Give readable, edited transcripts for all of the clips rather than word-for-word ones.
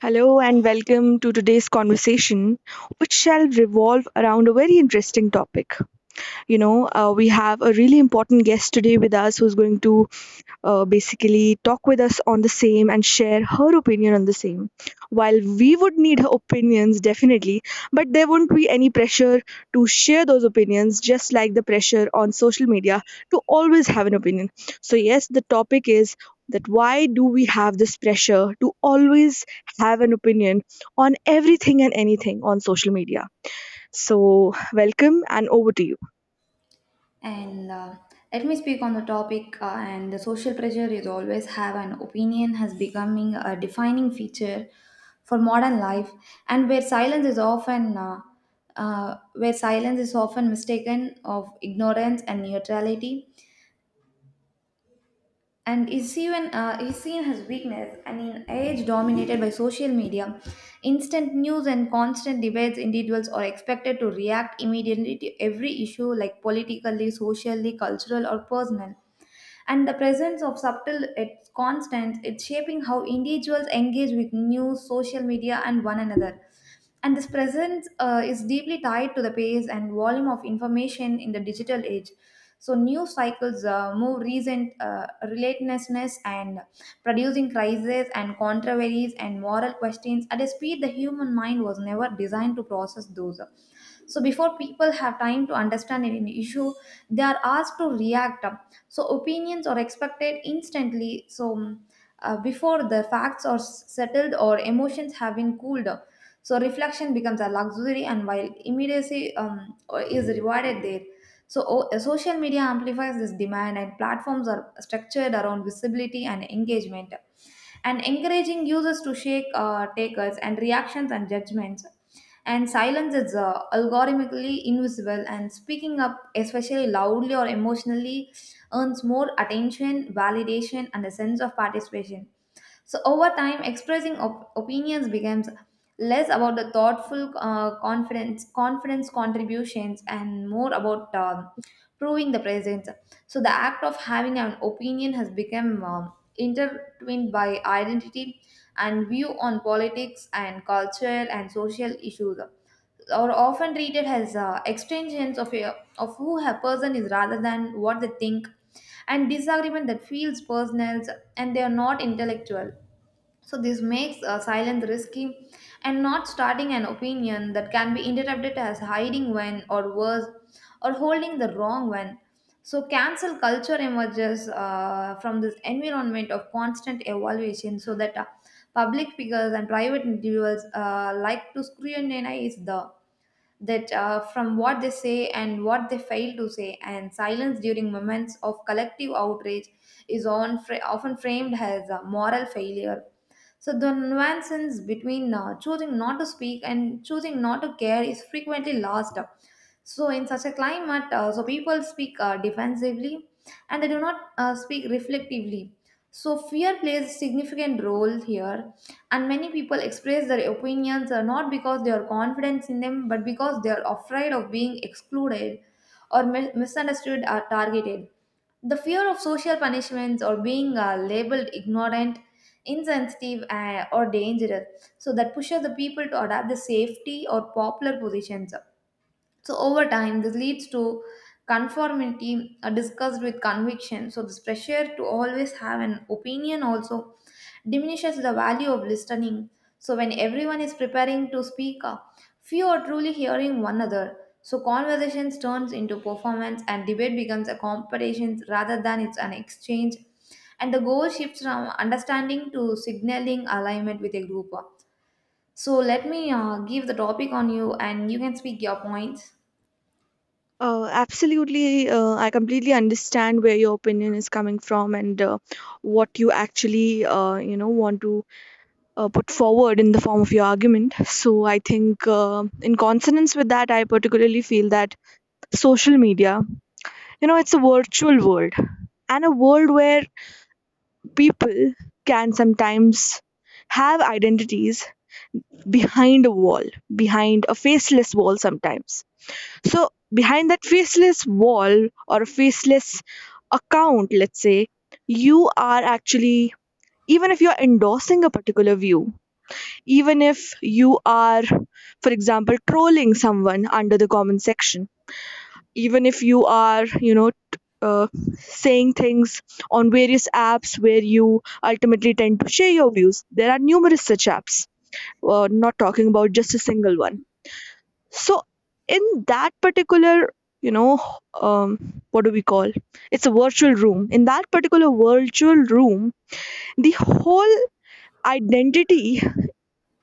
Hello and welcome to today's conversation, which shall revolve around a very interesting topic. We have a really important guest today with us who's going to basically talk with us on the same and share her opinion on the same. While we would need her opinions definitely, but there won't be any pressure to share those opinions, just like the pressure on social media to always have an opinion. So, yes, the topic is that why do we have this pressure to always have an opinion on everything and anything on social media? So, welcome and over to you. And Let me speak on the topic. And the social pressure is always have an opinion has becoming a defining feature for modern life, and where silence is often mistaken of ignorance and neutrality, and is even is seen as weakness. And in age dominated by social media, instant news and constant debates, individuals are expected to react immediately to every issue, like politically, socially, cultural, or personal and the presence of subtle it's constant it's shaping how individuals engage with news social media and one another, and this presence is deeply tied to the pace and volume of information in the digital age. So news cycles move recent relentlessness and producing crises and controversies and moral questions at a speed the human mind was never designed to process those. So before people have time to understand an issue, they are asked to react, so opinions are expected instantly. Before the facts are settled or emotions have been cooled, so reflection becomes a luxury and while immediacy or is rewarded there. So social media amplifies this demand and platforms are structured around visibility and engagement, and encouraging users to shake takers and reactions and judgments. And silence is algorithmically invisible, and speaking up especially loudly or emotionally earns more attention, validation, and a sense of participation. So, over time, expressing opinions becomes less about the thoughtful confidence contributions, and more about proving the presence. So, the act of having an opinion has become intertwined by identity, and view on politics and culture and social issues are often treated as extensions of of who a person is rather than what they think, and disagreement that feels personal and they are not intellectual. So this makes silence risky, and not starting an opinion that can be interpreted as hiding one, or worse, or holding the wrong one. So, cancel culture emerges from this environment of constant evaluation, so that public figures and private individuals like to scrutinize the that from what they say and what they fail to say, and silence during moments of collective outrage is often framed as a moral failure. So the nuances between choosing not to speak and choosing not to care is frequently lost. So in such a climate, so people speak defensively, and they do not speak reflectively. So fear plays a significant role here, and many people express their opinions not because they are confident in them, but because they are afraid of being excluded, or misunderstood, or targeted. The fear of social punishments or being labeled ignorant, insensitive, or dangerous, so that pushes the people to adopt the safety or popular positions. So over time, this leads to conformity discussed with conviction. So this pressure to always have an opinion also diminishes the value of listening. So when everyone is preparing to speak up, few are truly hearing one another. So conversations turns into performance and debate becomes a competition rather than it's an exchange. And the goal shifts from understanding to signaling alignment with a group. So let me give the topic on you and you can speak your points. Absolutely. I completely understand where your opinion is coming from and what you actually, want to put forward in the form of your argument. So I think, in consonance with that, I particularly feel that social media, you know, it's a virtual world and a world where people can sometimes have identities behind a wall, behind a faceless wall sometimes. So, behind that faceless wall or a faceless account, let's say, you are actually, even if you're endorsing a particular view, even if you are, for example, trolling someone under the comment section, even if you are, uh, saying things on various apps where you ultimately tend to share your views. There are numerous such apps, not talking about just a single one. So in that particular you know um, what do we call, it's a virtual room. In that particular virtual room, the whole identity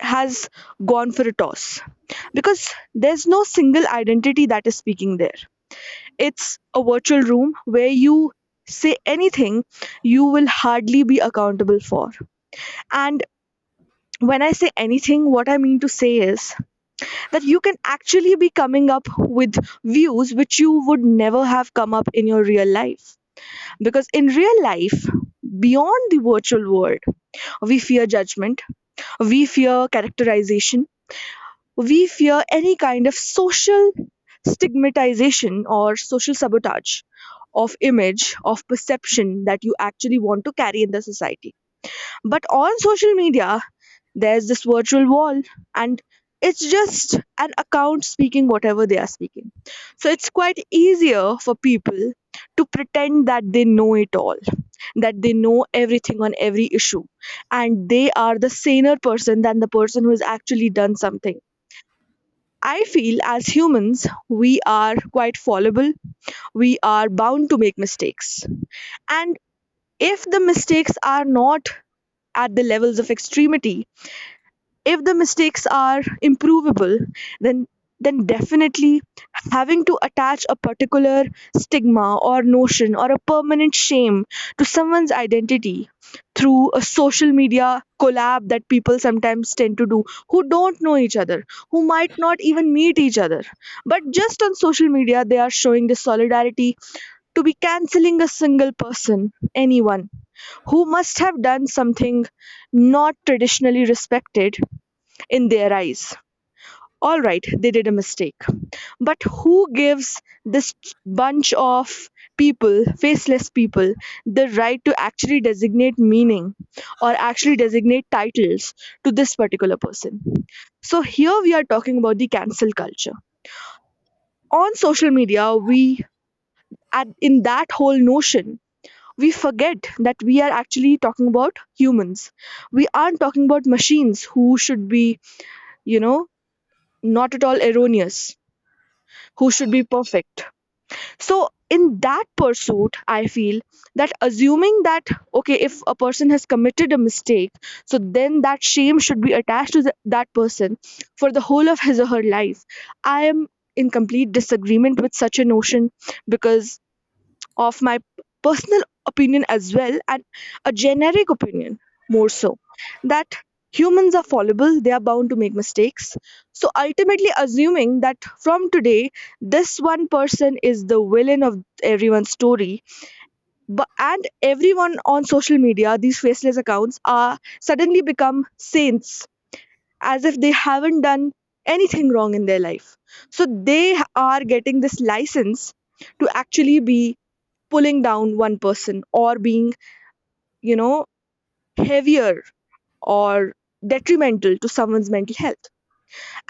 has gone for a toss because there's no single identity that is speaking there. It's a virtual room where you say anything you will hardly be accountable for. And when I say anything, what I mean to say is that you can actually be coming up with views which you would never have come up in your real life. Because in real life, beyond the virtual world, we fear judgment, we fear characterization, we fear any kind of social stigmatization or social sabotage of image, of perception that you actually want to carry in the society. But on social media, there's this virtual wall, and it's just an account speaking whatever they are speaking. So it's quite easier for people to pretend that they know it all, that they know everything on every issue, and they are the saner person than the person who has actually done something. I feel as humans, we are quite fallible, we are bound to make mistakes. And if the mistakes are not at the levels of extremity, if the mistakes are improvable, then then definitely having to attach a particular stigma or notion or a permanent shame to someone's identity through a social media collab that people sometimes tend to do, who don't know each other, who might not even meet each other, but just on social media they are showing the solidarity to be canceling a single person, anyone who must have done something not traditionally respected in their eyes. All right, they did a mistake. But who gives this bunch of people, faceless people, the right to actually designate meaning or actually designate titles to this particular person? So here we are talking about the cancel culture. On social media, we at, in that whole notion, we forget that we are actually talking about humans. We aren't talking about machines who should be, you know, not at all erroneous, who should be perfect. So, in that pursuit, I feel that assuming that, okay, if a person has committed a mistake, so then that shame should be attached to the, that person for the whole of his or her life. I am in complete disagreement with such a notion because of my personal opinion as well, and a generic opinion more so, that humans are fallible, they are bound to make mistakes. So ultimately assuming that from today this one person is the villain of everyone's story, but and everyone on social media, these faceless accounts are suddenly become saints, as if they haven't done anything wrong in their life, so they are getting this license to actually be pulling down one person or being, you know, heavier or detrimental to someone's mental health.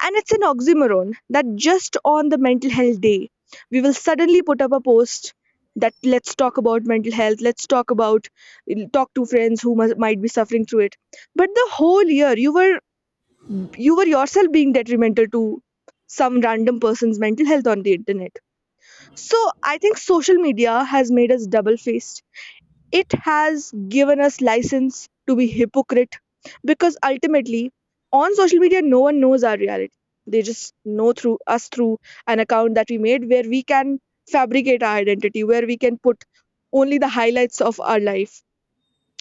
And it's an oxymoron that just on the mental health day, we will suddenly put up a post that let's talk about mental health, let's talk about, talk to friends who might be suffering through it. But the whole year, you were yourself being detrimental to some random person's mental health on the internet. So I think social media has made us double faced. It has given us license to be hypocrite, because ultimately on social media no one knows our reality. They just know through us through an account that we made, where we can fabricate our identity, where we can put only the highlights of our life.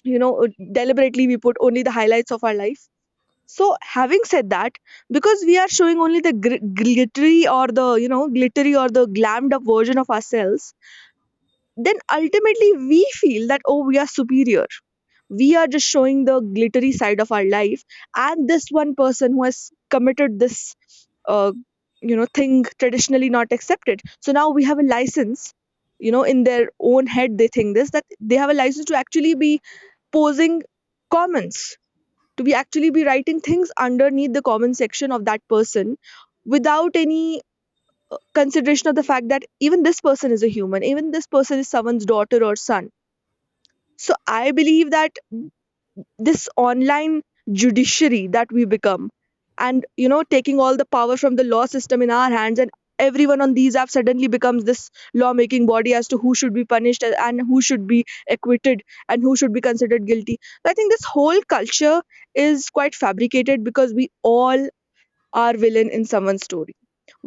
Deliberately we put only the highlights of our life. So, having said that, because we are showing only the glittery or the, glittery or the glammed up version of ourselves, then ultimately we feel that, oh, we are superior, we are just showing the glittery side of our life, and this one person who has committed this uh, thing traditionally not accepted, so now we have a license, you know, in their own head they think this, that they have a license to actually be posing comments, to be actually be writing things underneath the comment section of that person without any consideration of the fact that even this person is a human, even this person is someone's daughter or son. So I believe that this online judiciary that we become, and you know taking all the power from the law system in our hands, and everyone on these apps suddenly becomes this lawmaking body as to who should be punished and who should be acquitted and who should be considered guilty. I think this whole culture is quite fabricated because we all are villain in someone's story.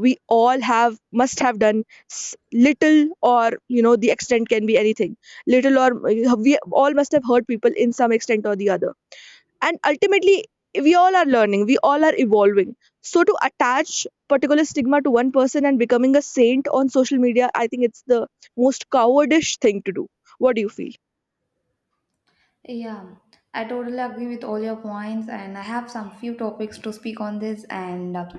We all have must have done little, or you know the extent can be anything, little or we all must have hurt people in some extent or the other. And ultimately we all are learning, we all are evolving. So to attach particular stigma to one person and becoming a saint on social media, I think it's the most cowardish thing to do. What do you feel? Yeah, I totally agree with all your points, and I have some few topics to speak on this. And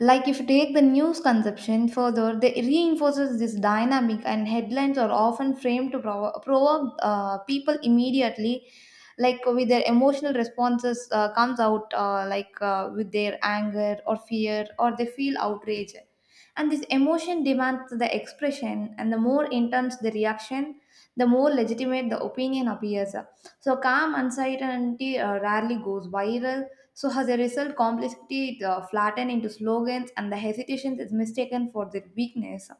Like, if you take the news conception further, they reinforces this dynamic, and headlines are often framed to provoke people immediately. Like with their emotional responses comes out with their anger or fear or they feel outrage, and this emotion demands the expression, and the more intense the reaction, the more legitimate the opinion appears. So calm uncertainty rarely goes viral. So as a result, complexity is flattened into slogans, and the hesitation is mistaken for their weakness.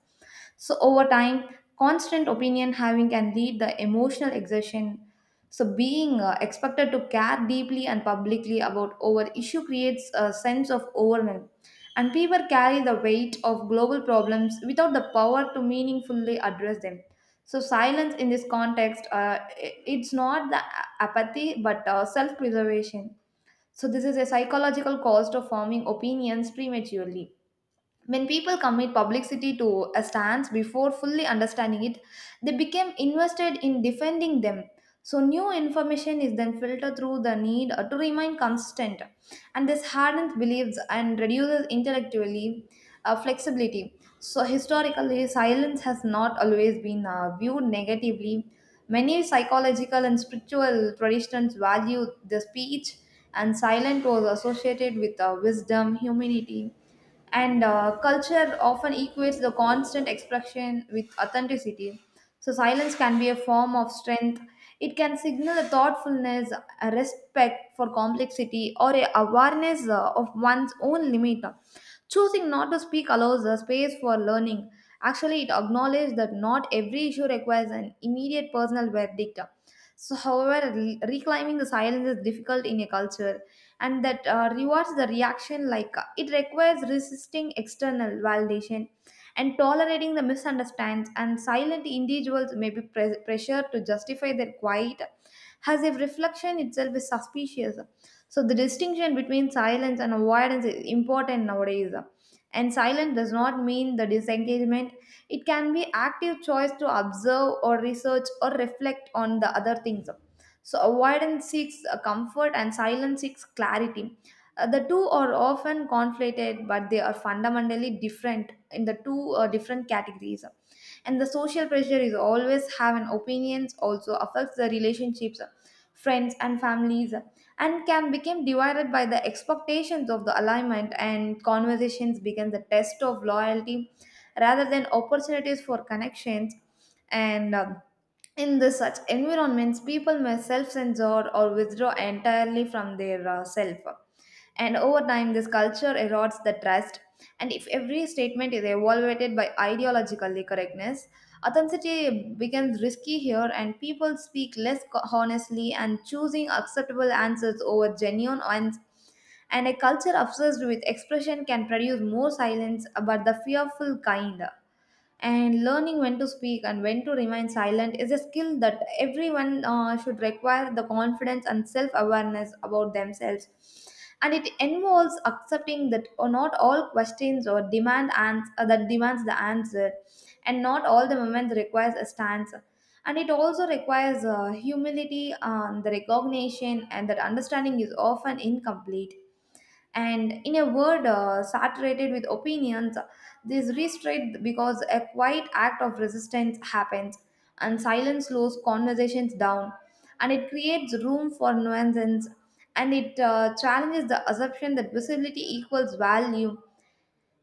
So over time, constant opinion having can lead the emotional exertion. So being expected to care deeply and publicly about our issue creates a sense of overwhelm. And people carry the weight of global problems without the power to meaningfully address them. So silence in this context, it's not the apathy but self-preservation. So this is a psychological cost of forming opinions prematurely. When people commit publicity to a stance before fully understanding it, they become invested in defending them. So, new information is then filtered through the need to remain consistent, and this hardens beliefs and reduces intellectually flexibility. So, historically, silence has not always been viewed negatively. Many psychological and spiritual traditions value the speech, and silence was associated with wisdom, humanity, and culture often equates the constant expression with authenticity. So silence can be a form of strength, it can signal a thoughtfulness, a respect for complexity or a awareness of one's own limit. Choosing not to speak allows a space for learning, actually it acknowledges that not every issue requires an immediate personal verdict. So, however, reclaiming the silence is difficult in a culture and that rewards the reaction, like it requires resisting external validation and tolerating the misunderstandings, and silent individuals may be pressured to justify their quiet as if reflection itself is suspicious. So the distinction between silence and avoidance is important nowadays, and silence does not mean the disengagement, it can be active choice to observe or research or reflect on the other things. So avoidance seeks comfort and silence seeks clarity. The two are often conflated, but they are fundamentally different in the two different categories. And the social pressure is always have an opinions also affects the relationships, friends and families, and can become divided by the expectations of the alignment. And conversations become the test of loyalty rather than opportunities for connections. And In this such environments, people may self-censor or withdraw entirely from their self. And over time, this culture erodes the trust. And if every statement is evaluated by ideologically correctness, authenticity becomes risky here, and people speak less honestly, and choosing acceptable answers over genuine ones. And a culture obsessed with expression can produce more silence, but the fearful kind. And learning when to speak and when to remain silent is a skill that everyone should require the confidence and self awareness about themselves, and it involves accepting that or not all questions or demand that demands the answer, and not all the moments requires a stance. And it also requires humility and the recognition and that understanding is often incomplete. And in a word saturated with opinions, this restraint because a quiet act of resistance happens, and silence slows conversations down, and it creates room for nuances, and it challenges the assumption that visibility equals value.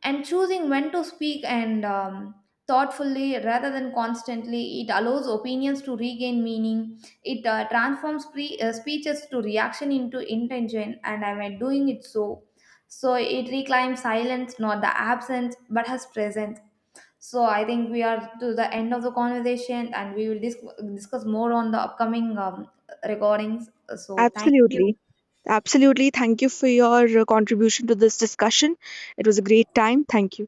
And choosing when to speak and thoughtfully rather than constantly, it allows opinions to regain meaning, it transforms speeches to reaction into intention, and I am doing it. So, so it reclaims silence not the absence but has presence. So I think we are to the end of the conversation and we will discuss more on the upcoming recordings. So thank you. Absolutely. Absolutely, thank you for your contribution to this discussion. It was a great time, thank you.